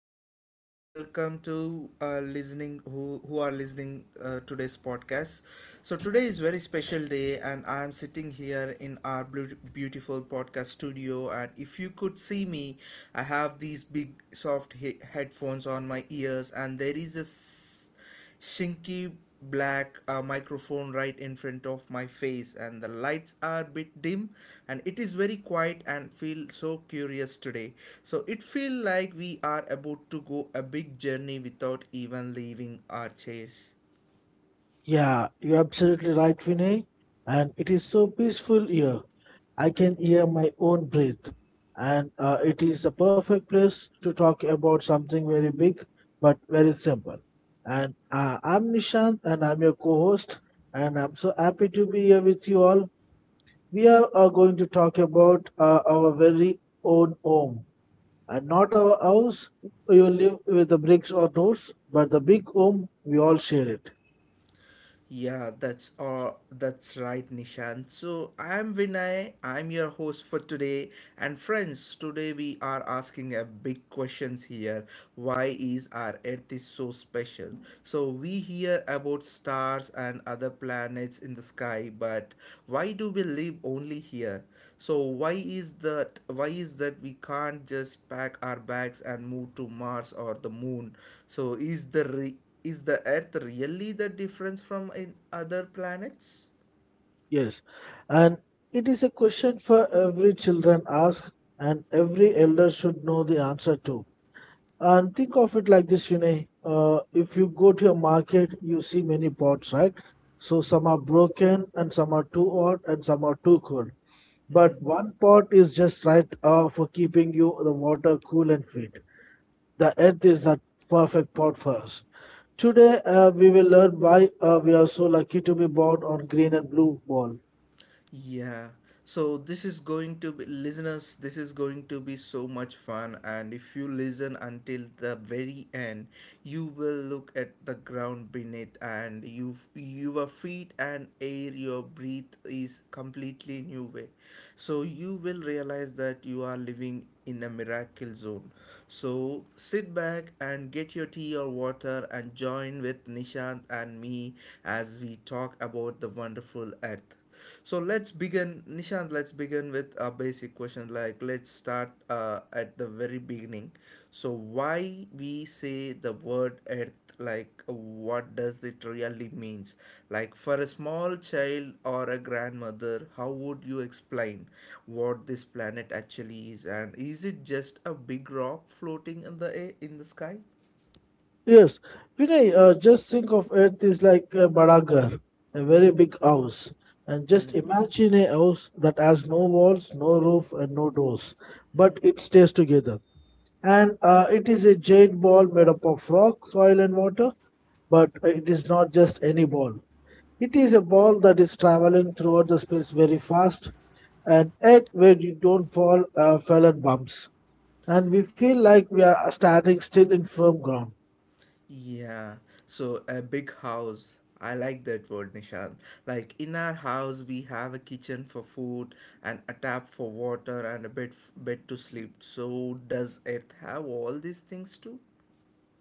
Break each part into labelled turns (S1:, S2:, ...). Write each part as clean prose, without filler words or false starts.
S1: everyone. Warm welcome to listening who are listening today's podcast. So today is very special day, and I am sitting here in our blue, beautiful podcast studio. And if you could see me, I have these big soft headphones on my ears, and there is a shinky black microphone right in front of my face, and the lights are a bit dim, and it is very quiet and feel so curious today, so it feels like we are about to go a big journey without even leaving our chairs.
S2: Yeah, you're absolutely right, Vinay. And it is so peaceful here. I can hear my own breath. And It is a perfect place to talk about something very big but very simple. And I'm Nishant and I'm your co host. And I'm so happy to be here with you all. We are going to talk about our very own home. And not our house you live with the bricks or doors, but the big home we all share it.
S1: Yeah, that's right, Nishant. So I'm Vinay, I'm your host for today. And friends, today we are asking a big questions here. Why is our Earth is so special? So we hear about stars and other planets in the sky, but why do we live only here? So why is that we can't just pack our bags and move to Mars or the moon? So is the Earth really the difference from in other planets?
S2: Yes, and it is a question for every children ask, and every elder should know the answer to. And think of it like this, Vinay. If you go to a market, you see many pots, right? So some are broken, and some are too hot, and some are too cold.
S1: Hmm.
S2: But one pot is just right for keeping you the water cool and fit. The earth is that perfect pot for us. Today, we will learn why we are so lucky to be born on green and blue ball.
S1: Yeah. So this is going to be listeners, this is going to be so much fun, and if you listen until the very end, you will look at the ground beneath and your feet and air your breathe is completely new way. So you will realize that you are living in a miracle zone. So sit back and get your tea or water and join with Nishant and me as we talk about the wonderful earth. So let's begin, Nishant. Let's begin with a basic question. Like, let's start at the very beginning. So, why we say the word earth? Like, what does it really means? Like, for a small child or a grandmother, how would you explain what this planet actually is? And is it just a big rock floating in the air, in the sky?
S2: Yes, Vinay, just think of it is like a bada ghar, a very big house. And just imagine a house that has no walls, no roof, and no doors, but it stays together. And It is a giant ball made up of rock, soil, and water, but it is not just any ball. It is a ball that is traveling throughout the space very fast, and yet where you don't fall, fell and bumps. And we feel like we are standing still in firm ground.
S1: Yeah, so a big house. I like that word, Nishant. Like in our house, we have a kitchen for food and a tap for water and a bed to sleep. So does Earth have all these things too?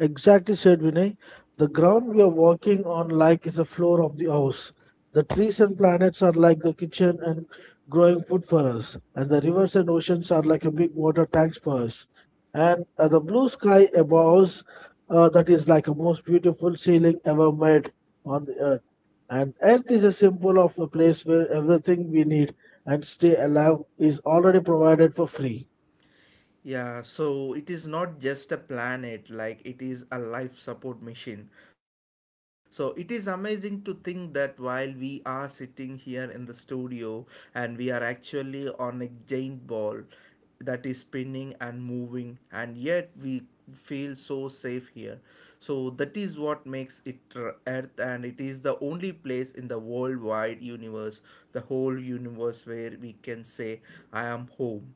S2: Exactly, said Vinay. The ground we are walking on like is the floor of the house. The trees and planets are like the kitchen and growing food for us. And the rivers and oceans are like a big water tanks for us. And The blue sky above us, that is like a most beautiful ceiling ever made on the earth. And earth is a symbol of the place where everything we need and stay alive is already provided for free.
S1: Yeah, so it is not just a planet, like it is a life support machine. So it is amazing to think that while we are sitting here in the studio and we are actually on a giant ball that is spinning and moving, and yet we feel so safe here. So that is what makes it Earth, and it is the only place in the worldwide universe, the whole universe, where we can say, I am home.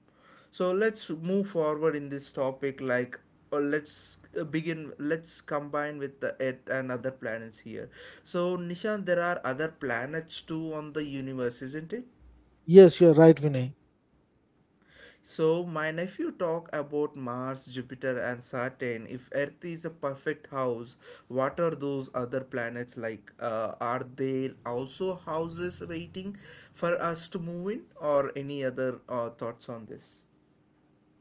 S1: So let's move forward in this topic, like, or let's combine with the earth and other planets here. So Nishan, there are other planets too on the universe, isn't it?
S2: Yes, you're right, Vinay.
S1: So my nephew talk about Mars, Jupiter, and Saturn. If earth is a perfect house, what are those other planets like? Are there also houses waiting for us to move in, or any other thoughts on this?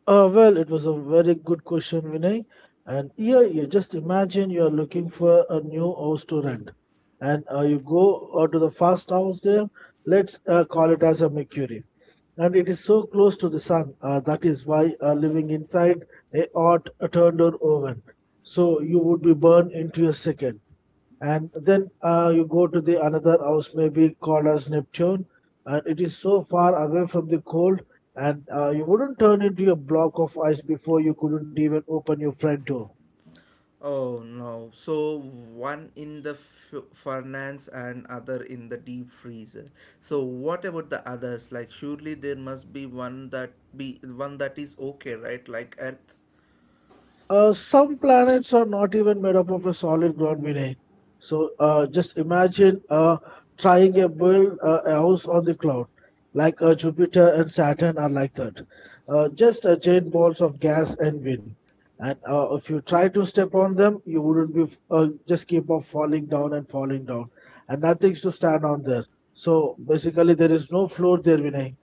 S2: Well, it was a very good question, Vinay. And here, you just imagine you're looking for a new house to rent, and you go to the first house there. Let's call it as a Mercury, and it is so close to the sun. That is why living inside a hot turned or oven, so you would be burned into a second, and then you go to the another house maybe called as neptune, and it is so far away from the cold, and you wouldn't turn into a block of ice before you couldn't even open your front door.
S1: Oh no. So one in the furnace and other in the deep freezer. So what about the others? Like surely there must be one that is okay, right? Like earth.
S2: Some planets are not even made up of a solid ground beneath. So just imagine trying to build a house on the cloud, like Jupiter and Saturn are like that. Just giant balls of gas and wind. And if you try to step on them, you wouldn't be just keep on falling down, and nothing's to stand on there. So basically, there is no floor there, Vinay.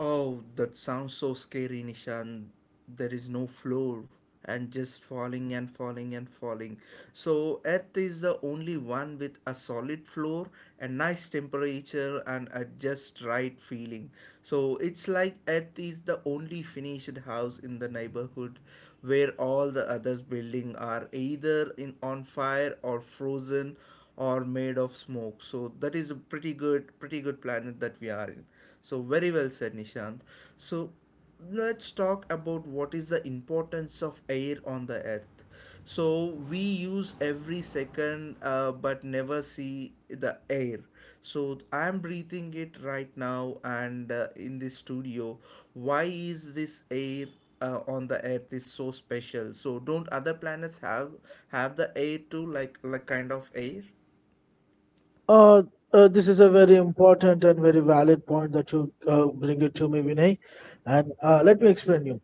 S1: Oh, that sounds so scary, Nishan. There is no floor, and just falling and falling and falling. So, Earth is the only one with a solid floor, a nice temperature, and a just right feeling. So, it's like Earth is the only finished house in the neighborhood where all the others building are either in on fire or frozen or made of smoke. So that is a pretty good planet that we are in. So very well said, Nishant. So let's talk about what is the importance of air on the earth. So we use every second but never see the air. So I am breathing it right now, and in this studio, why is this air on the earth is so special? So don't other planets have the air too, like kind of air?
S2: Uh, this is a very important and very valid point that you bring it to me, Vinay. And let me explain you.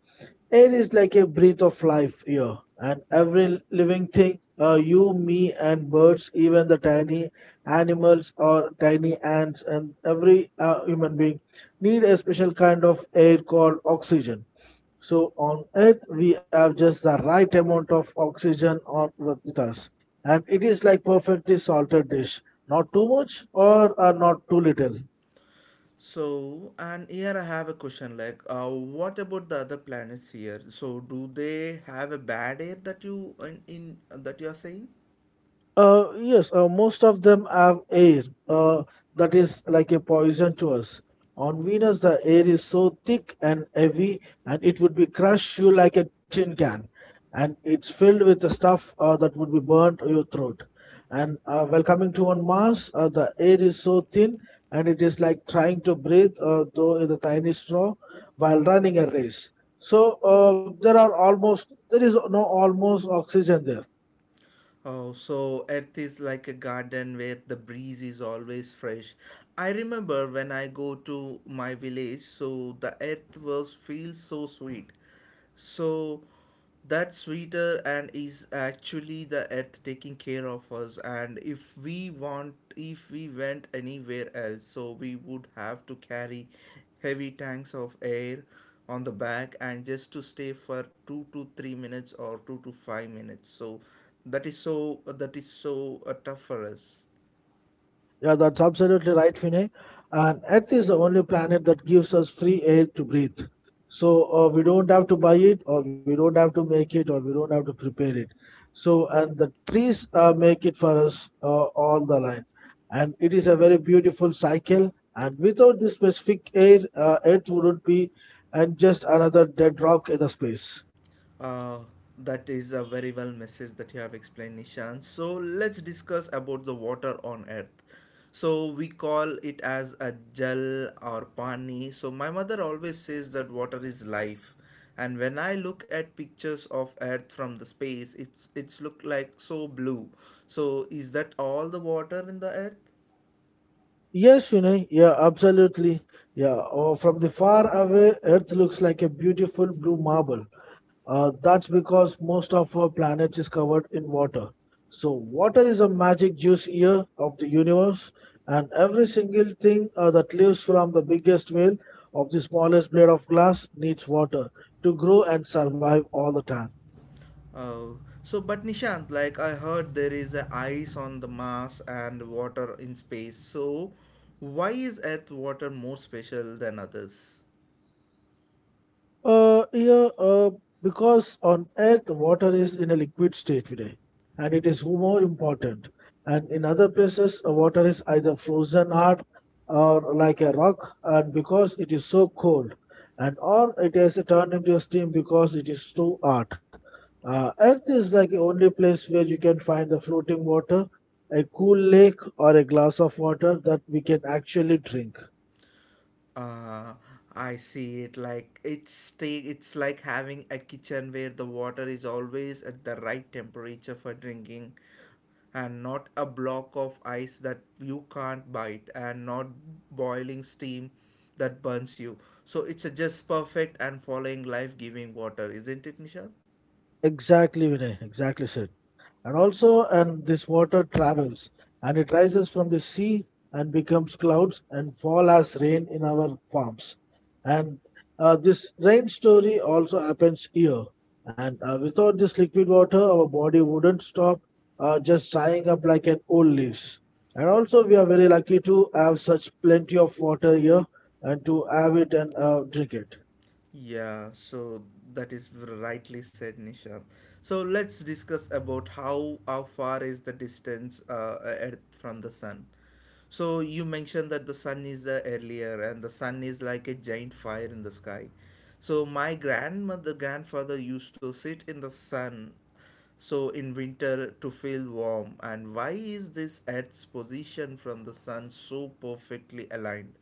S2: Air is like a breath of life here, and every living thing, you, me, and birds, even the tiny animals or tiny ants, and every human being, need a special kind of air called oxygen. So on Earth, we have just the right amount of oxygen on with us, and it is like perfectly salted dish, not too much or not too little.
S1: So, and here I have a question like, what about the other planets here? So, do they have a bad air that you in that you are saying?
S2: Yes, most of them have air that is like a poison to us. On Venus, the air is so thick and heavy, and it would be crush you like a tin can. And it's filled with the stuff that would be burnt to your throat. And while coming to on Mars, the air is so thin, and it is like trying to breathe though in a tiny straw while running a race. So there are almost there is no almost oxygen there.
S1: Oh, so earth is like a garden where the breeze is always fresh. I remember when I go to my village, so the earth was feels so sweet. So that sweeter and is actually the earth taking care of us, and if we want, if we went anywhere else, so we would have to carry heavy tanks of air on the back and just to stay for 2 to 3 minutes or 2 to 5 minutes. So that is so tough for us.
S2: Yeah, that's absolutely right, Vinay. And Earth is the only planet that gives us free air to breathe. So we don't have to buy it, or we don't have to make it, or we don't have to prepare it. So and the trees make it for us all the line, and it is a very beautiful cycle. And without this specific air, Earth wouldn't be and just another dead rock in the space.
S1: uh, that is a very well message that you have explained, Nishan. So let's discuss about the water on earth. So we call it as a jal or pani. So my mother always says that water is life, and when I look at pictures of earth from the space, it's look like so blue. So is that all the water in the earth?
S2: Yes, Vinay. Yeah, absolutely. Yeah, oh, from the far away, Earth looks like a beautiful blue marble. That's because most of our planet is covered in water. So, water is a magic juice here of the universe, and every single thing that lives from the biggest whale of the smallest blade of glass needs water to grow and survive all the time.
S1: Oh, so but Nishant, like I heard there is a ice on the Mars and water in space. So why is Earth water more special than others?
S2: Yeah, because on Earth, water is in a liquid state today, and it is more important. And in other places, water is either frozen hard or like a rock, and because it is so cold, and or it has turned into a steam because it is too hot. Earth is like the only place where you can find the floating water, a cool lake, or a glass of water that we can actually drink.
S1: Uh, I see it like it's like having a kitchen where the water is always at the right temperature for drinking, and not a block of ice that you can't bite, and not boiling steam that burns you. So it's a just perfect and following life giving water, isn't it Nishant?
S2: Exactly, Vinay. Exactly said. And also, and this water travels and it rises from the sea and becomes clouds and fall as rain in our farms. And this rain story also happens here. And without this liquid water, our body wouldn't stop just drying up like an old leaves. And also, we are very lucky to have such plenty of water here and to have it and drink it.
S1: Yeah, so that is rightly said, Nisha. So let's discuss about how far is the distance Earth from the sun. So you mentioned that the sun is earlier, and the sun is like a giant fire in the sky. So my grandmother, grandfather used to sit in the sun so in winter to feel warm, and why is this earth's position from the sun so perfectly aligned?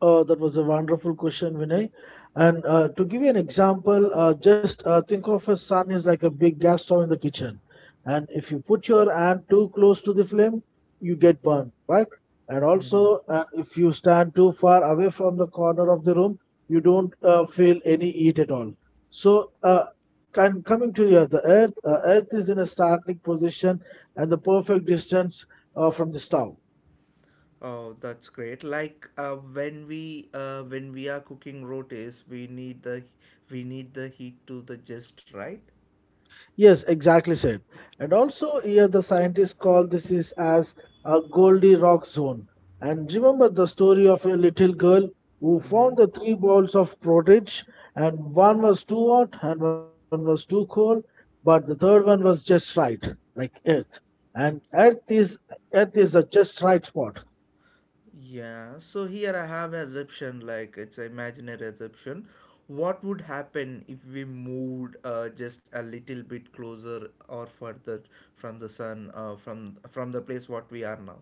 S2: That was a wonderful question, Vinay. And to give you an example, just think of a sun is like a big gas stove in the kitchen. And if you put your hand too close to the flame, you get burned, right? And also, if you stand too far away from the corner of the room, you don't feel any heat at all. So, coming to the earth, earth is in a starting position and the perfect distance from the stove.
S1: Oh, that's great. Like when we are cooking rotis, we need the heat to the just right.
S2: Yes, exactly said. And also here the scientists call this is as a Goldilocks zone. And remember the story of a little girl who
S1: Mm-hmm.
S2: found the three balls of porridge and one was too hot and one was too cold, but the third one was just right, like Earth. And Earth is the just right spot.
S1: Yeah. So here I have assumption like it's an imaginary assumption. What would happen if we moved just a little bit closer or further from the sun from the place what we are now?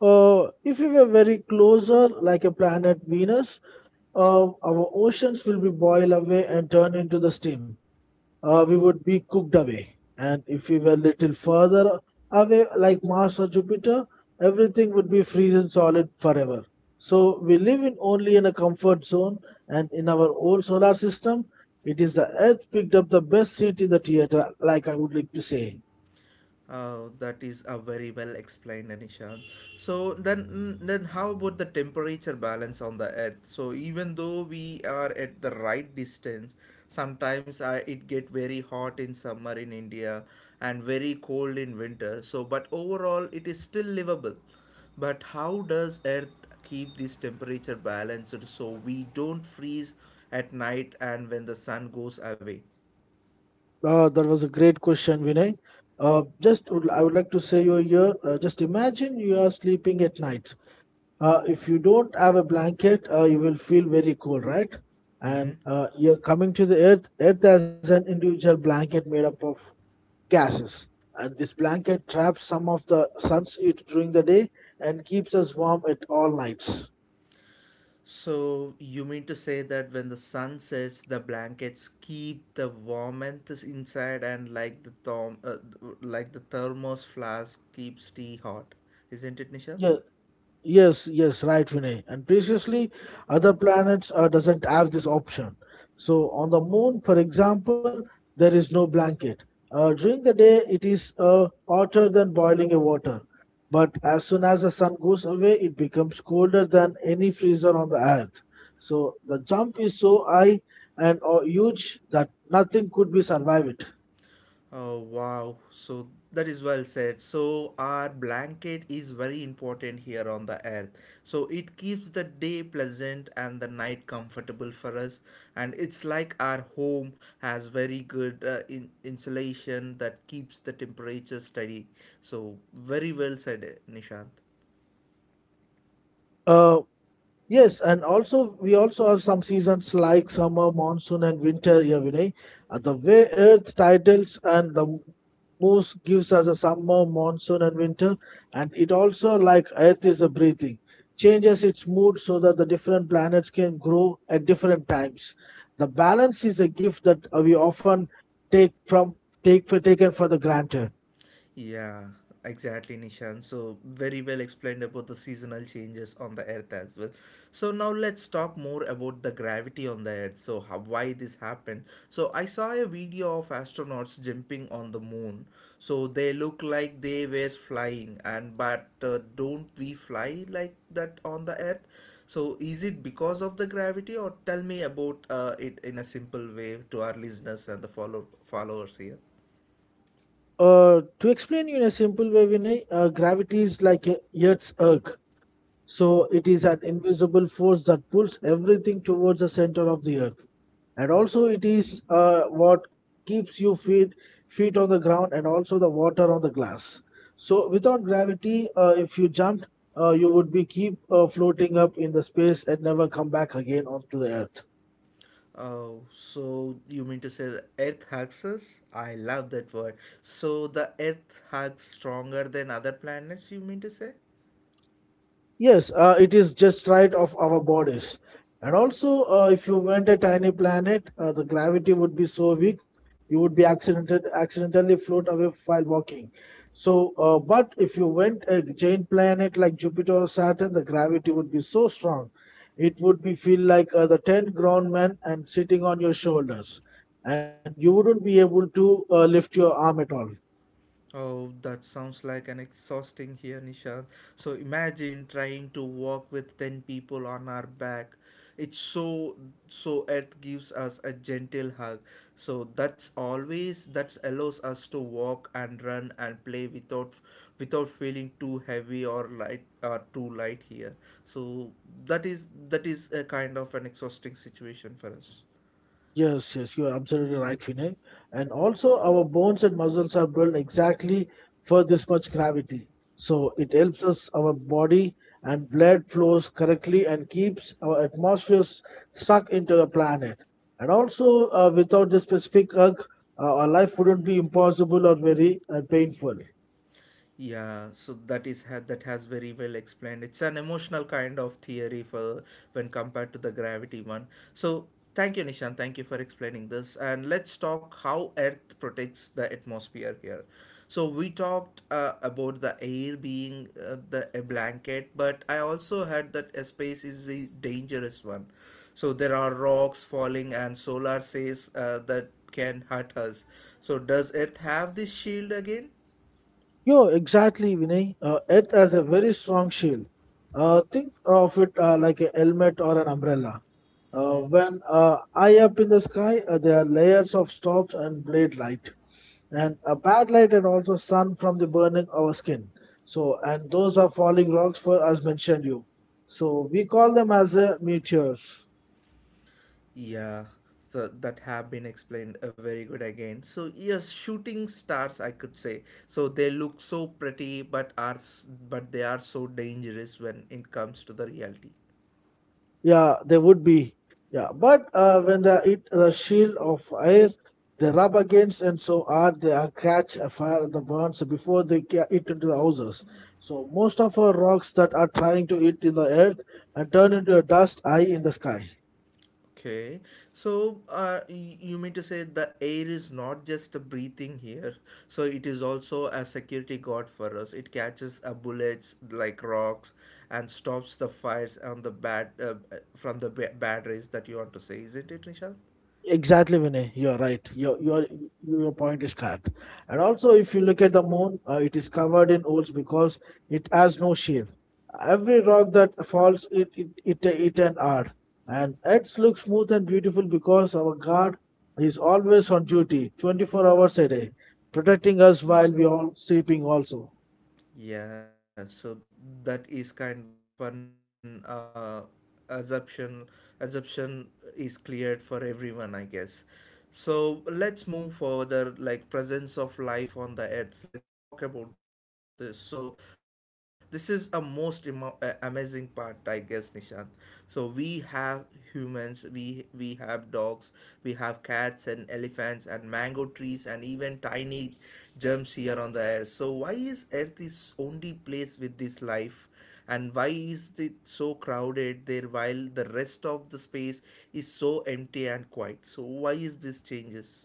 S2: If we were very closer, like a planet Venus, our oceans will be boiled away and turned into the steam. We would be cooked away. And if we were little further away, like Mars or Jupiter, everything would be frozen solid forever. So we live in only in a comfort zone, and in our whole solar system, it is the Earth picked up the best seat in the theater, like I would like to say.
S1: Oh, that is a very well explained, Anisha. So then, then how about the temperature balance on the Earth? So even though we are at the right distance, sometimes it get very hot in summer in India and very cold in winter. So, but overall, it is still livable. But how does Earth keep this temperature balanced so we don't freeze at night and when the sun goes away?
S2: That was a great question, Vinay. I would like to say you here. Just imagine you are sleeping at night. If you don't have a blanket, you will feel very cold, right?
S1: Mm-hmm.
S2: And you're coming to the Earth. Earth has an individual blanket made up of gases, and this blanket traps some of the sun's heat during the day and keeps us warm at all nights.
S1: So you mean to say that when the sun sets, the blankets keep the warmth is inside, and like the like the thermos flask keeps tea hot, isn't it, Nisha?
S2: Yes. Yes, yes, right, Vinay. And previously, other planets doesn't have this option. So on the moon, for example, there is no blanket. During the day, it is hotter than boiling a water. But as soon as the sun goes away, it becomes colder than any freezer on the earth. So the jump is so high and huge that nothing could be survived.
S1: Oh wow, so that is well said. So our blanket is very important here on the earth. So it keeps the day pleasant and the night comfortable for us, and it's like our home has very good insulation that keeps the temperature steady. So very well said, eh, Nishant.
S2: Uh, Yes, and also we also have some seasons like summer, monsoon, and winter here, Vinay. The way Earth titles and the moves gives us a summer, monsoon, and winter, and it also like Earth is a breathing, changes its mood so that the different planets can grow at different times. The balance is a gift that we often take from take for taken for the granted.
S1: Yeah, exactly, Nishan. So, very well explained about the seasonal changes on the Earth as well. So, now let's talk more about the gravity on the Earth. So, how, why this happened. So, I saw a video of astronauts jumping on the moon. So, they look like they were flying, and but don't we fly like that on the Earth? So, is it because of the gravity, or tell me about it in a simple way to our listeners and the followers here?
S2: To explain you in a simple way, Vinay, gravity is like a Earth's erg. So it is an invisible force that pulls everything towards the center of the earth. And
S1: Mm-hmm.
S2: also it is what keeps you feet on the ground and also the water on the glass. So without gravity, if you jumped, you would be keep floating up in the space and never come back again onto the earth.
S1: Oh, so you mean to say the earth hugs us? I love that word. So the earth hugs stronger than other planets, you mean to say?
S2: Yes, it is just right of our bodies. And also, if you went a tiny planet, the gravity would be so weak, you would be accidentally float away while walking. So, but if you went a giant planet like Jupiter or Saturn, the gravity would be so strong, it would be feel like the 10 grown men and sitting on your shoulders, and you wouldn't be able to lift your arm at all.
S1: Oh, that sounds like an exhausting here, Nishant. So imagine trying to walk with 10 people on our back. It's so, so Earth gives us a gentle hug. So that's always, that allows us to walk and run and play without, without feeling too heavy or light, or too light here. So that is a kind of an exhausting situation for us.
S2: Yes, yes, you are absolutely right, Vinay. And also, our bones and muscles are built exactly for this much gravity. So it helps us, our body and blood flows correctly and keeps our atmosphere stuck into the planet. And also, without this specific hug, our life wouldn't be impossible or very painful.
S1: Yeah, so that has very well explained. It's an emotional kind of theory for when compared to the gravity one. So thank you, Nishan. Thank you for explaining this. And let's talk how Earth protects the atmosphere here. So we talked about the air being the a blanket, but I also heard that a space is a dangerous one. So there are rocks falling, and solar says that can hurt us. So does Earth have this shield again?
S2: Yeah, exactly, Vinay. Earth has a very strong shield. Think of it like a helmet or an umbrella.
S1: Mm-hmm.
S2: When high up in the sky, there are layers of stops and blade light, and
S1: Mm-hmm.
S2: a bad light, and also sun from the burning our skin. So, and those are falling rocks for as mentioned you. So we call them as meteors.
S1: Yeah, so that have been explained very good again. So yes, shooting stars, I could say. So they look so pretty, but but they are so dangerous when it comes to the reality.
S2: Yeah, they would be. Yeah, but when they hit the shield of air, they rub against and so are they are catch a fire the burns before they hit into the houses. So most of our rocks that are trying to eat in the earth and turn into a dust eye in the sky.
S1: Okay, so you mean to say the air is not just a breathing here, so it is also a security guard for us. It catches bullets like rocks and stops the fires on the bad from the bad rays that you want to say, isn't it, Nishant?
S2: Exactly, Vinay. You're right. Your point is correct. And also, if you look at the moon, it is covered in holes because it has no shield. Every rock that falls, it an art, and it looks smooth and beautiful because our God is always on duty, 24 hours a day, protecting us while we are all sleeping also.
S1: Yeah, so that is kind of an assumption. Assumption is cleared for everyone, I guess. So let's move further, like presence of life on the earth. Let's talk about this. So this is a most amazing part, I guess, Nishant. So we have humans, we have dogs, we have cats and elephants and mango trees and even tiny germs here on the earth. So why is earth is only place with this life, and why is it so crowded there while the rest of the space is so empty and quiet? So why is this changes?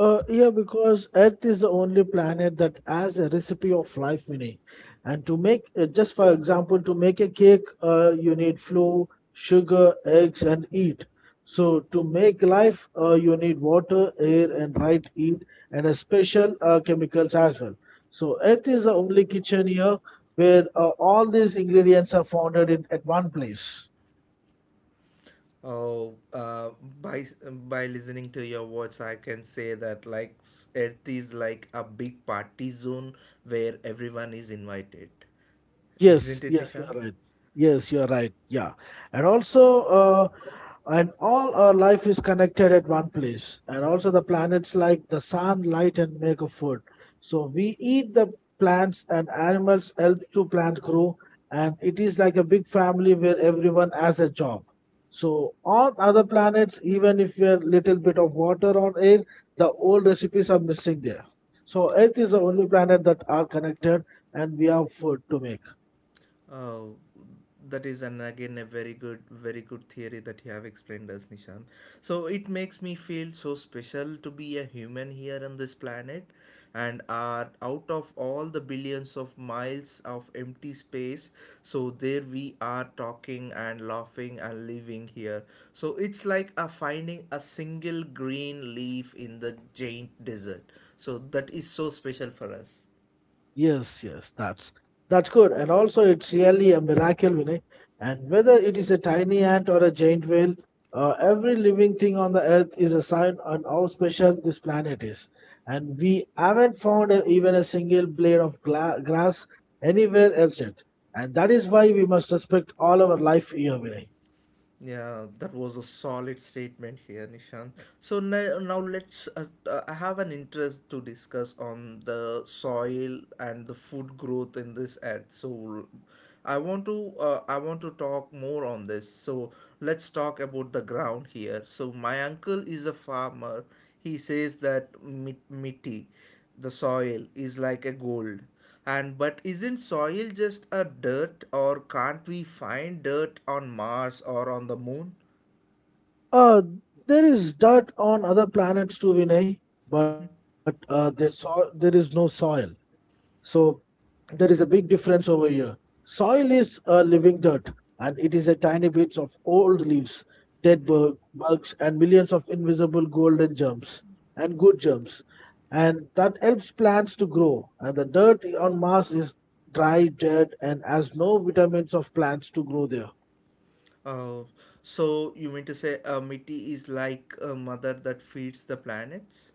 S2: Yeah, because Earth is the only planet that has a recipe of life, Vinay. And to make, just for example, to make a cake, you need flour, sugar, eggs, and heat. So to make life, you need water, air, and right heat, and a special chemicals as well. So Earth is the only kitchen here where all these ingredients are founded in at one place.
S1: Oh, by by listening to your words, I can say that like Earth is like a big party zone where everyone is invited.
S2: Yes,
S1: Isn't it,
S2: yes, you are
S1: Nishan?
S2: right. Yes, you are right. Yeah, and also, uh, and all our life is connected at one place, and also the planets like the sun, light, and make a food. So we eat the plants, and animals help to plant grow, and it is like a big family where everyone has a job. So on other planets, even if we're little bit of water or air, the old recipes are missing there. So Earth is the only planet that are connected, and we have food to make.
S1: Oh, that is an again a very good, very good theory that you have explained us, Nishan. So it makes me feel so special to be a human here on this planet, and are out of all the billions of miles of empty space. So there we are talking and laughing and living here. So it's like a finding a single green leaf in the giant desert. So that is so special for us.
S2: Yes, yes, that's good. And also, it's really a miracle, Vinay. And whether it is a tiny ant or a giant whale, every living thing on the earth is a sign on how special this planet is. And we haven't found a, even a single blade of grass anywhere else yet. And that is why we must respect all our life here, Vinay.
S1: Yeah, that was a solid statement here, Nishant. So now, now let's. I have an interest to discuss on the soil and the food growth in this ad. So, I want to talk more on this. So let's talk about the ground here. So my uncle is a farmer. He says that mitti, the soil, is like a gold. And but isn't soil just a dirt, or can't we find dirt on Mars or on the moon?
S2: Uh, there is dirt on other planets too, Vinay, but there is no soil. So there is a big difference over here. Soil is a living dirt, and it is a tiny bits of old leaves, bugs, and millions of invisible golden germs and good germs, and that helps plants to grow. And the dirt on Mars is dry, dead, and has no vitamins of plants to grow there.
S1: Uh, so you mean to say a miti is like a mother that feeds the planets,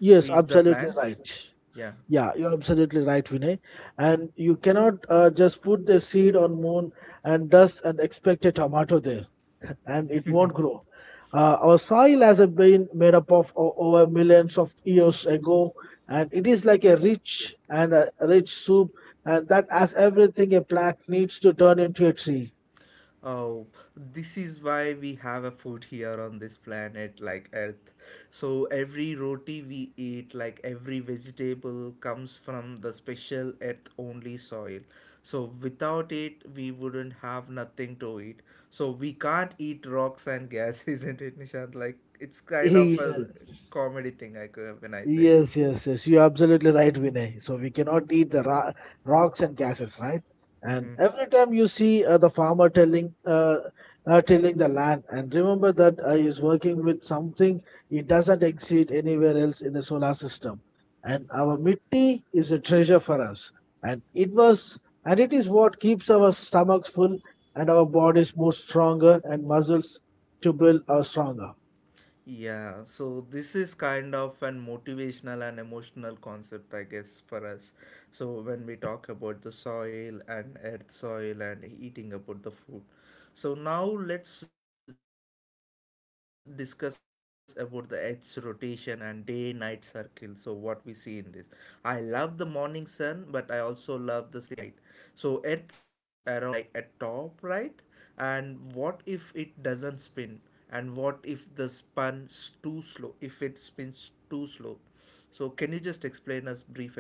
S2: Yes,
S1: the
S2: absolutely
S1: plants?
S2: right.
S1: Yeah.
S2: Yeah, you're absolutely right, Vinay. And you cannot just put the seed on moon and dust and expect a tomato there. And it won't grow. Our soil has been made up of over millions of years ago, and it is like a rich and a rich soup, and that has everything a plant needs to turn into a tree.
S1: Oh, this is why we have a food here on this planet, like Earth. So every roti we eat, like every vegetable, comes from the special Earth-only soil. So without it, we wouldn't have nothing to eat. So we can't eat rocks and gas, isn't it, Nishant? Like it's kind of a
S2: Yes,
S1: comedy thing, like when I say.
S2: yes, yes, yes. You're absolutely right, Vinay. So we cannot eat the rocks and gases, right? And
S1: Mm-hmm.
S2: every time you see the farmer telling, tilling the land, and remember that he's working with something it doesn't exist anywhere else in the solar system. And our mitti is a treasure for us, and it was, and it is what keeps our stomachs full and our bodies more stronger and muscles to build our stronger.
S1: Yeah, so this is kind of an motivational and emotional concept, I guess, for us. So when we talk about the soil and earth soil and eating about the food. So now let's discuss about the Earth's rotation and day-night circle. So what we see in this. I love the morning sun, but I also love the sleeping at night. So Earth spins around like a top, right? And what if it doesn't spin, and what if the spin's too slow? If it spins too slow, so can you just explain us brief about this?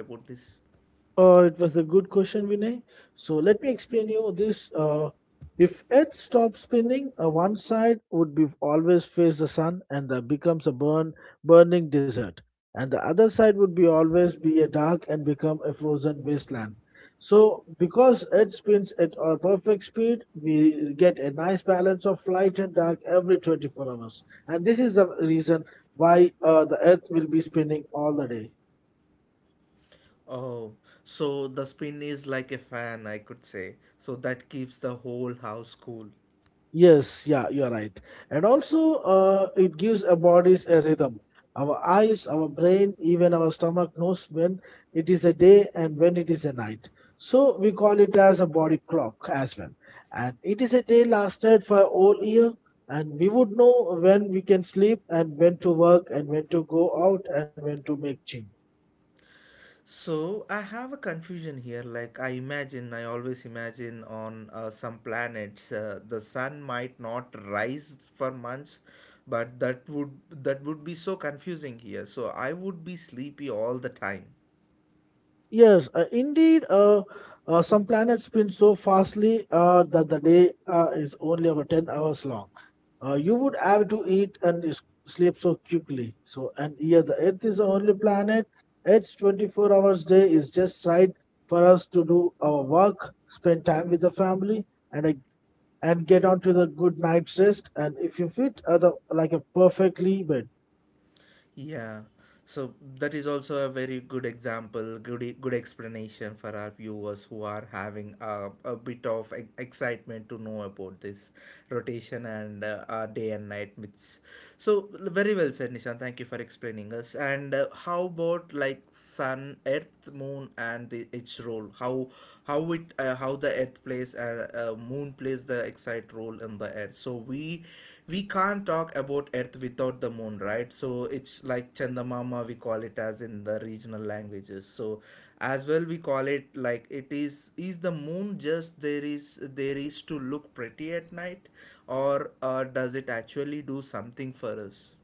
S2: It was a good question, Vinay. So let me explain you this. If Earth stops spinning, one side would be always face the sun, and that becomes a burning desert, and the other side would be always be a dark and become a frozen wasteland. So because Earth spins at a perfect speed, we get a nice balance of light and dark every 24 hours, and this is the reason why the Earth will be spinning all the day.
S1: Oh, so the spin is like a fan, I could say, so that keeps the whole house cool.
S2: Yes, yeah, you're right. And also, it gives our bodies a rhythm. Our eyes, our brain, even our stomach knows when it is a day and when it is a night. So we call it as a body clock as well. And it is a day lasted for a whole year, and we would know when we can sleep and when to work and when to go out and when to make gym.
S1: So I have a confusion here. Like I imagine, I always imagine on some planets, the sun might not rise for months, but that would be so confusing here. So I would be sleepy all the time.
S2: Yes, indeed. Some planets spin so fastly that the day is only about 10 hours long. You would have to eat and sleep so quickly. So, and yeah, the Earth is the only planet. Its 24 hours day is just right for us to do our work, spend time with the family, and uh, and get on to the good night's rest. And if you fit, other like a perfectly bed.
S1: Yeah, so that is also a very good example, good good explanation for our viewers who are having a bit of excitement to know about this rotation and day and night myths. So very well said, Nishan. Thank you for explaining us. And how about like sun, earth, moon, and the, its role? How it how the earth plays moon plays the exact role in the earth, so we can't talk about earth without the moon, right? So it's like chandamama, we call it as in the regional languages. So as well we call it like it is the moon just there is to look pretty at night, or does it actually do something for us?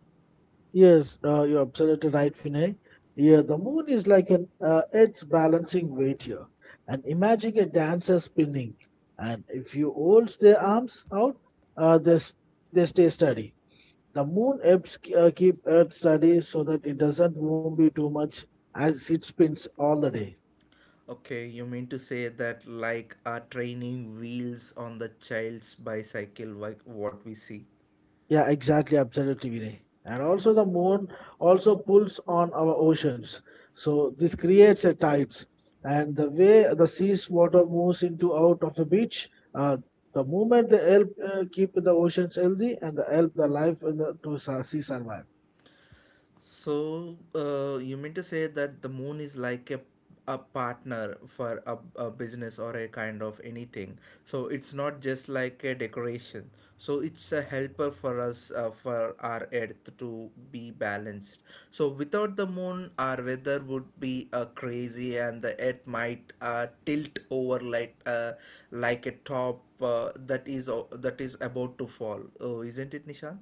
S2: Yes, you're absolutely right, Vinay. Yeah, the moon is like an earth balancing weight here. And imagine a dancer spinning. And if you hold their arms out, uh, they, s- they stay steady. The moon helps keep earth steady so that it doesn't move too much as it spins all the day.
S1: Okay, you mean to say that like are training wheels on the child's bicycle, like what we see?
S2: Yeah, exactly, absolutely, Vinay. And also the moon also pulls on our oceans. So this creates a tides. And the way the sea's water moves into out of the beach, uh, the movement they help keep the oceans healthy and they help the life in the sea survive.
S1: So, you mean to say that the moon is like a partner for a business or a kind of anything. So it's not just like a decoration. So it's a helper for us for our earth to be balanced. So without the moon, our weather would be crazy, and the earth might tilt over like a top that is about to fall. Oh, isn't it, Nishant?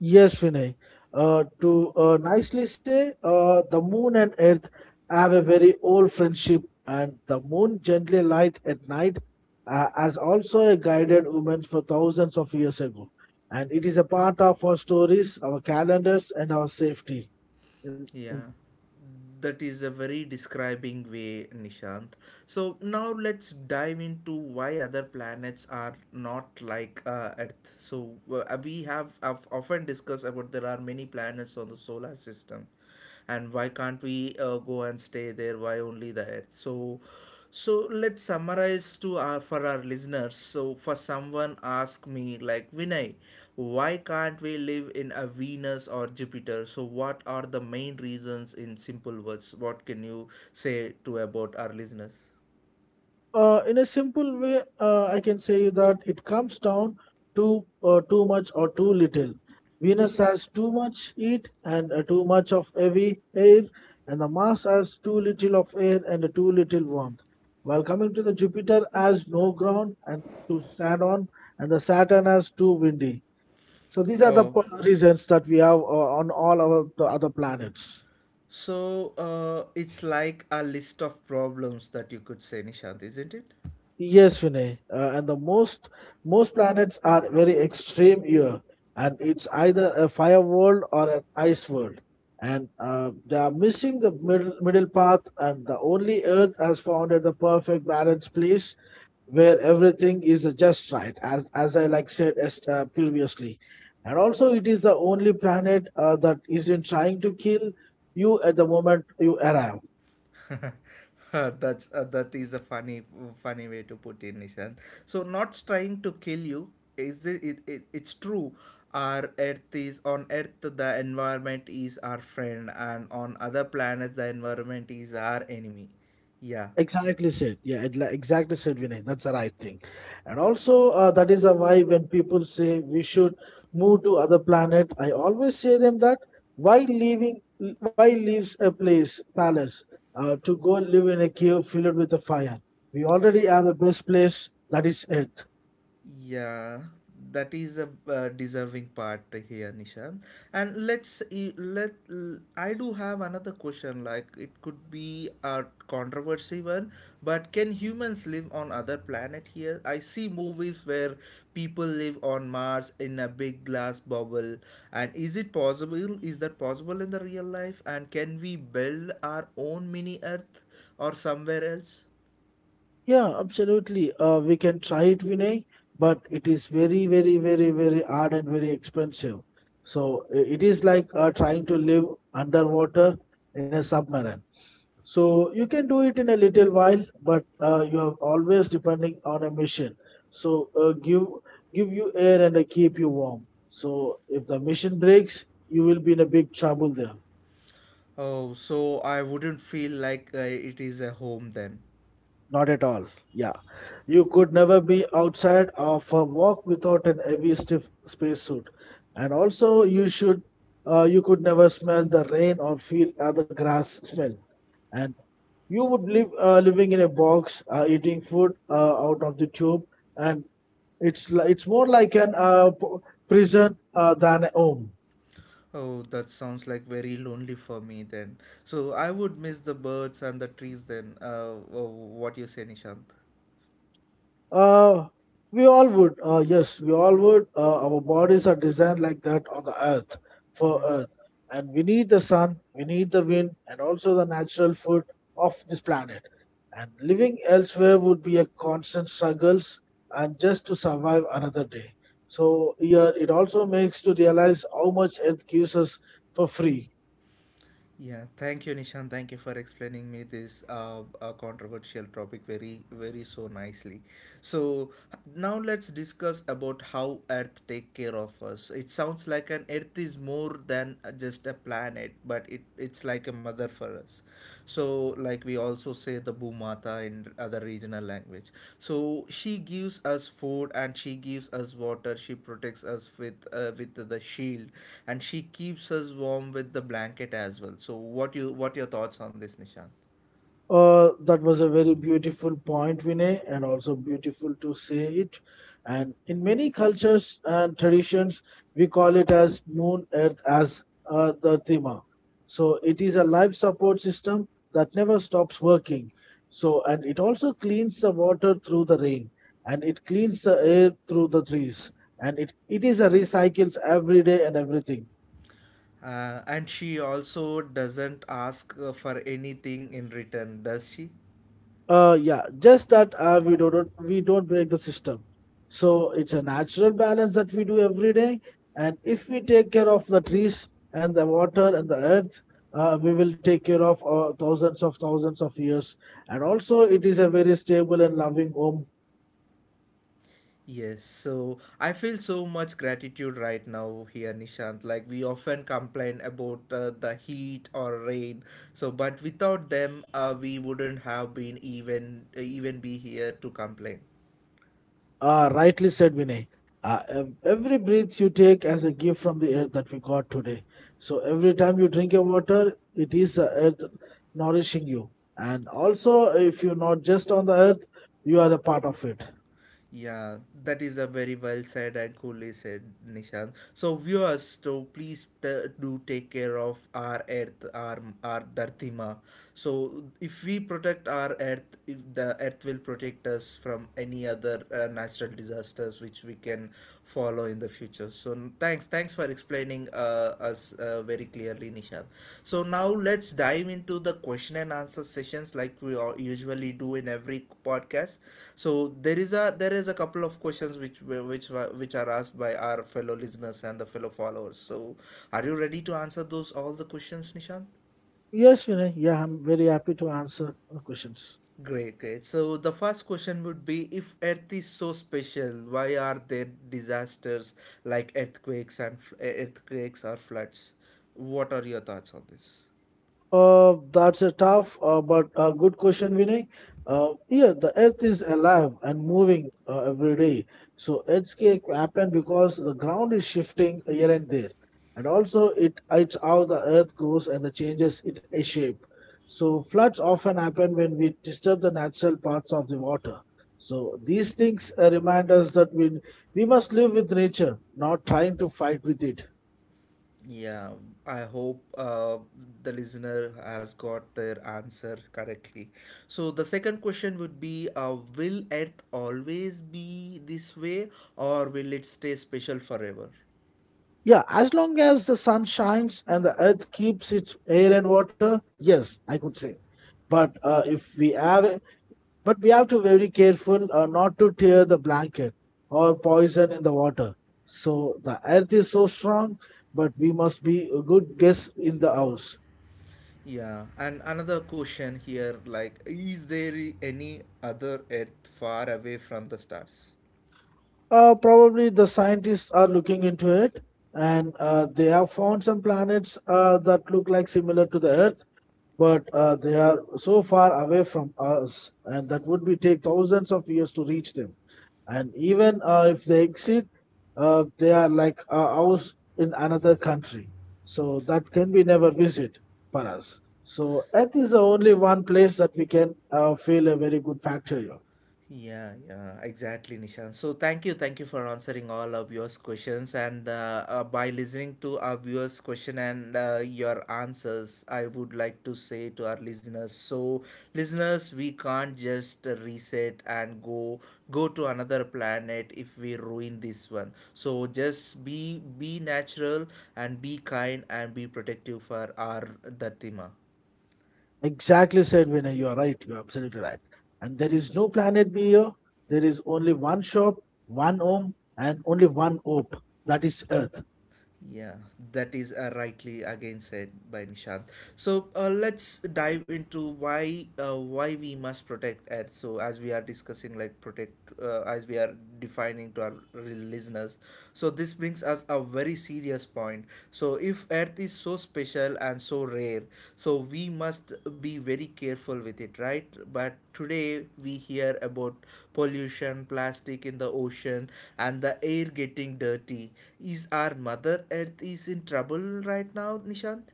S2: Yes, Vinay. To Nicely say, the moon and earth have a very old friendship, and the moon gently light at night has also a guided woman for thousands of years ago, and it is a part of our stories, our calendars, and our safety. in, in
S1: Yeah, that is a very describing way, Nishant. So now let's dive into why other planets are not like Earth. So we have I've often discussed about there are many planets on the solar system, and why can't we go and stay there, why only the head? So so let's summarize to our for our listeners. So for someone ask me like Vinay, why can't we live in a Venus or Jupiter? So what are the main reasons in simple words, what can you say to about our listeners?
S2: In a simple way, I can say you that it comes down to too much or too little. Venus has too much heat and too much of heavy air, and the Mars has too little of air and too little warmth. While coming to the Jupiter has no ground and to stand on, and the Saturn has too windy. So these are the
S1: Oh,
S2: reasons that we have on all our the other planets.
S1: so it's like a list of problems that you could say, Nishant, isn't it?
S2: Yes, Vinay. And the most planets are very extreme here, and it's either a fire world or an ice world, and they are missing the middle path. And the only Earth has founded the perfect balance place where everything is just right, as I like said as, previously. And also, it is the only planet that isn't trying to kill you at the moment you arrive.
S1: That is a funny funny way to put it, Nishant. So not trying to kill you, is it's true. Our earth is on earth, the environment is our friend, and on other planets the environment is our enemy, yeah.
S2: Exactly said. Yeah, exactly said, Vinay. That's the right thing. And also, that is a why when people say we should move to other planet, I always say them that why leaving, why leaves a palace, to go live in a cave filled with a fire? We already have a best place that is Earth.
S1: Yeah, that is a deserving part here, Nisha. And let's e- let l- I do have another question. Like it could be a controversy one, but can humans live on other planet here? I see movies where people live on Mars in a big glass bubble. And is it possible? Is that possible in the real life? And can we build our own mini Earth or somewhere else?
S2: Yeah, absolutely. We can try it, Vinay, but it is very, very, very, very hard and very expensive. So it is like trying to live underwater in a submarine. So you can do it in a little while, but you are always depending on a mission. So give you air and keep you warm. So if the mission breaks, you will be in a big trouble there.
S1: Oh, so I wouldn't feel like it is a home then.
S2: Not at all. Yeah. You could never be outside of a walk without an heavy stiff spacesuit. And also you should you could never smell the rain or feel the grass smell. And you would live living in a box, eating food out of the tube, and it's more like an prison than a home.
S1: Oh, that sounds like very lonely for me then. So I would miss the birds and the trees then. What you say, Nishant?
S2: Uh, we all would. Yes, we all would. Our bodies are designed like that on the earth, for
S1: Mm-hmm.
S2: earth. And we need the sun, we need the wind, and also the natural food of this planet. And living elsewhere would be a constant struggles and just to survive another day. So here it also makes to realize how much earth gives us for free.
S1: Yeah, thank you, Nishan. Thank you for explaining me this controversial topic very, very so nicely. So now let's discuss about how Earth take care of us. It sounds like an Earth is more than just a planet, but it's like a mother for us. So, like we also say the Bhumata in other regional language. So she gives us food and she gives us water. She protects us with the shield, and she keeps us warm with the blanket as well. So, what you what your thoughts on this, Nishant?
S2: That was a very beautiful point, Vinay, and also beautiful to say it. And in many cultures and traditions, we call it as moon earth as the Tima. So it is a life support system that never stops working. So and it also cleans the water through the rain, and it cleans the air through the trees, and it is a recycles every day and everything.
S1: And she also doesn't ask for anything in return, does she?
S2: Yeah, just that we don't break the system. So it's a natural balance that we do every day. And if we take care of the trees and the water and the earth, we will take care of thousands of thousands of years. And also, it is a very stable and loving home.
S1: Yes, so I feel so much gratitude right now here, Nishant. Like we often complain about the heat or rain, so but without them, we wouldn't have been even be here to complain.
S2: Ah, rightly said, Vinay. Every breath you take as a gift from the earth that we got today. So every time you drink your water, it is the earth nourishing you. And also, if you're not just on the earth, you are a part of it.
S1: Yeah, that is a very well said and coolly said, Nishant. So viewers, so please do take care of our earth, our Dharti Ma. So if we protect our earth, if the earth will protect us from any other natural disasters which we can follow in the future. So thanks for explaining us very clearly, Nishant. So now let's dive into the question and answer sessions like we all usually do in every podcast. So there is a couple of questions which are asked by our fellow listeners and the fellow followers. So are you ready to answer those all the questions, Nishant?
S2: Yes, Vinay. Yeah, I'm very happy to answer the questions.
S1: Great, great. So the first question would be, if Earth is so special, why are there disasters like earthquakes or floods? What are your thoughts on this?
S2: That's a tough but a good question, Vinay. Yeah, the earth is alive and moving every day. So earthquake happen because the ground is shifting here and there, and also it's how the earth grows and the changes it a shape. So floods often happen when we disturb the natural parts of the water. So these things remind us that we must live with nature, not trying to fight with it.
S1: Yeah, I hope the listener has got their answer correctly. So the second question would be will Earth always be this way, or will it stay special forever?
S2: Yeah, as long as the sun shines and the earth keeps its air and water, yes, I could say. But uh, if we have, a- but we have to very careful not to tear the blanket or poison in the water. So the earth is so strong, but we must be a good guess in the house.
S1: Yeah, and another question here, like, is there any other Earth far away from the stars?
S2: Probably the scientists are looking into it, and they have found some planets that look like similar to the Earth but they are so far away from us, and that would be take thousands of years to reach them. And even if they exceed, they are like ours in another country, so that can be never visit for us. So Earth is the only one place that we can feel a very good factor here.
S1: Yeah, yeah, exactly, Nishan. So thank you for answering all our viewers' questions. And by listening to our viewers' question and your answers, I would like to say to our listeners. So, listeners, we can't just reset and go to another planet if we ruin this one. So just be natural and be kind and be protective for our Dhatima.
S2: Exactly said, Vinay. You are right. You are absolutely right. And there is no planet B here. There is only one shop, one home, and only one hope. That is Earth.
S1: Yeah, that is rightly again said by Nishant. So let's dive into why we must protect ads. So as we are discussing, like protect as we are defining to our listeners. So this brings us a very serious point. So if Earth is so special and so rare, so we must be very careful with it, right? But today, we hear about pollution, plastic in the ocean, and the air getting dirty. Is our Mother Earth is in trouble right now, Nishant?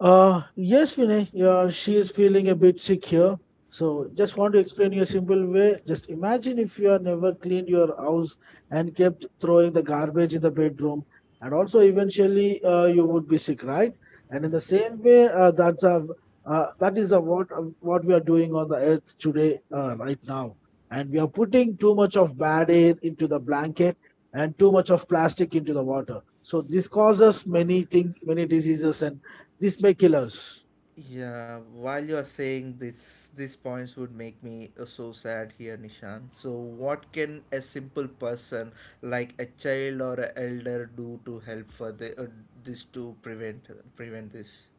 S2: Yes, Vinay, she is feeling a bit sick here. So, just want to explain you a simple way. Just imagine if you have never cleaned your house and kept throwing the garbage in the bedroom, and also eventually you would be sick, right? And in the
S1: Yeah.
S2: same way, that is a what we are doing on the earth today, right now. And we are putting too much of bad air into the blanket and too much of plastic into the water. So this causes many thing, many diseases and these may kill us.
S1: Yeah, while you're saying this, these points would make me so sad here, Nishant. So, what can a simple person like a child or an elder do to help for the, this to prevent prevent this?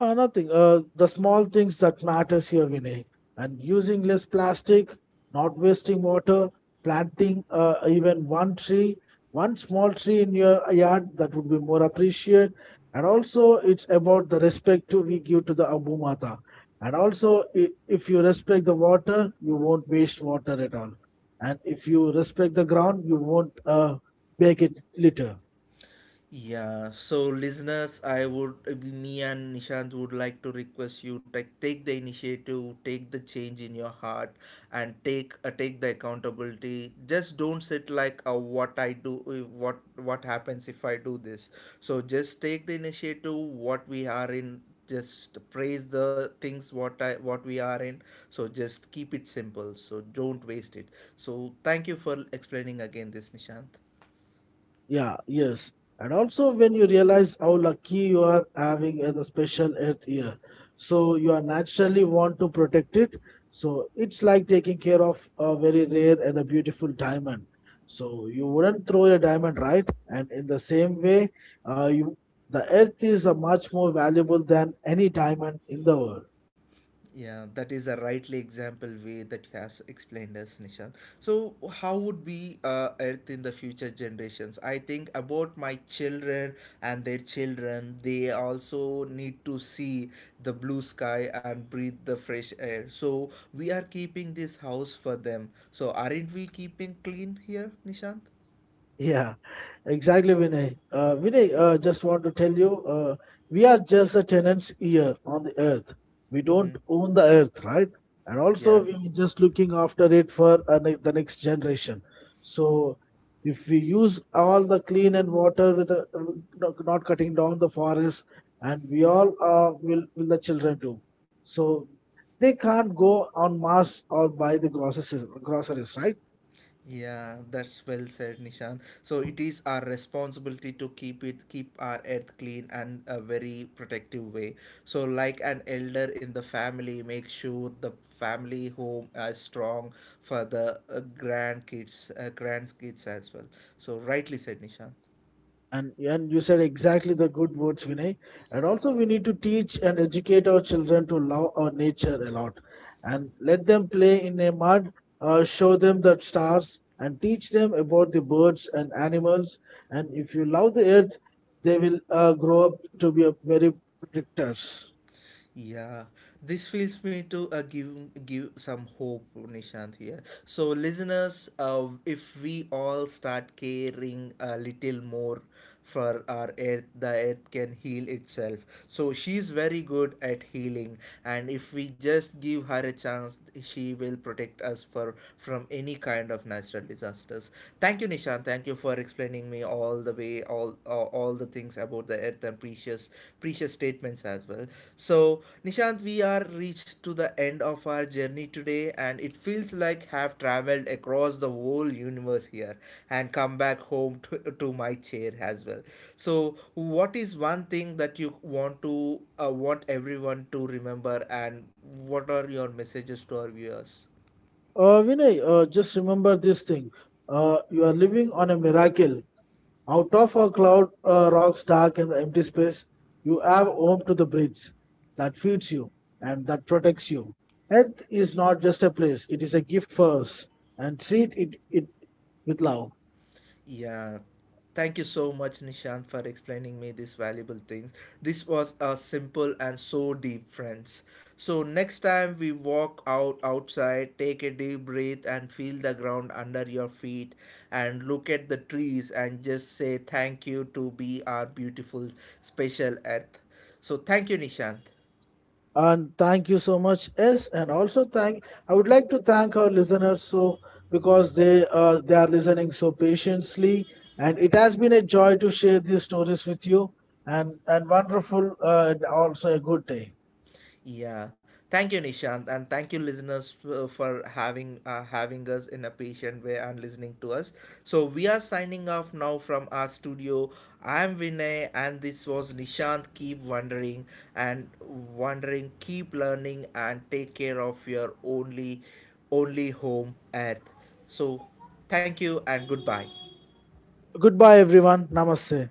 S2: Nothing. The small things that matters here, Vinay. And using less plastic, not wasting water, planting even one tree, one small tree in your yard, that would be more appreciated. And also, it's about the respect too we give to the Abu Mata. And also, if you respect the water, you won't waste water at all. And if you respect the ground, you won't make it litter.
S1: Yeah, so listeners, I would me and Nishant would like to request you take the initiative, take the change in your heart, and take take the accountability. Just don't sit like what I do, what happens if I do this. So just take the initiative. What we are in, just praise the things what we are in. So just keep it simple. So don't waste it. So thank you for explaining again this, Nishant.
S2: Yeah, yes. And also when you realize how lucky you are having a the special earth year. So you are naturally want to protect it. So it's like taking care of a very rare and a beautiful diamond. So you wouldn't throw a diamond, right? And in the same way, you the earth is a much more valuable than any diamond in the world.
S1: Yeah, that is a rightly example way that you have explained us, Nishan. So, how would be Earth in the future generations? I think about my children and their children. They also need to see the blue sky and breathe the fresh air. So, we are keeping this house for them. So, aren't we keeping clean here, Nishant?
S2: Yeah. Exactly, Vinay. Vinay, just want to tell you, we are just a tenant's ear on the earth. We
S1: Mm-hmm.
S2: don't own the earth, right? And
S1: Yeah.
S2: also, we just looking after it for the next generation. So, if we use all the clean and water with the, not cutting down the forest, and we all will the children do. So, they can't go on mass or buy the groceries, right?
S1: Yeah, that's well said, Nishan. So it is our responsibility to keep our earth clean and a very protective way. So, like an elder in the family, make sure the family home is strong for the grandkids as well. So, rightly said, Nishan.
S2: And you said exactly the good words, Vinay. And also we need to teach and educate our children to love our nature a lot, and let them play in a mud, show them the stars, and teach them about the birds and animals. And if you love the earth, they will grow up to be a very protectors.
S1: Yeah, this feels me to give some hope, Nishant here. So, listeners, if we all start caring a little more for our earth, the earth can heal itself. So she's very good at healing, and if we just give her a chance, she will protect us for from any kind of natural disasters. Thank you, Nishant. Thank you for explaining me all the way all the things about the earth and precious statements as well. So, Nishant, we are reached to the end of our journey today, and it feels like have traveled across the whole universe here and come back home to my chair as well. So what is one thing that you want to want everyone to remember, and what are your messages to our viewers?
S2: Vinay, just remember this thing. You are living on a miracle. Out of a cloud rocks dark in the empty space, you have home to the breeze that feeds you and that protects you. Earth is not just a place, it is a gift for us and treat it with love.
S1: Yeah, thank you so much, Nishant, for explaining me these valuable things. This was a simple and so deep, friends. So next time we walk out outside, take a deep breath and feel the ground under your feet, and look at the trees and just say thank you to be our beautiful, special earth. So thank you, Nishant.
S2: And thank you so much, S. And also thank I would like to thank our listeners so because they are listening so patiently, and it has been a joy to share these stories with you. And wonderful and also a good day.
S1: Yeah, thank you, Nishant, and thank you, listeners, for having us in a patient way and listening to us. So we are signing off now from our studio. I am Vinay, and this was Nishant. Keep wondering and wondering. Keep learning and take care of your only home, Earth. So, thank you and goodbye.
S2: Goodbye, everyone. Namaste.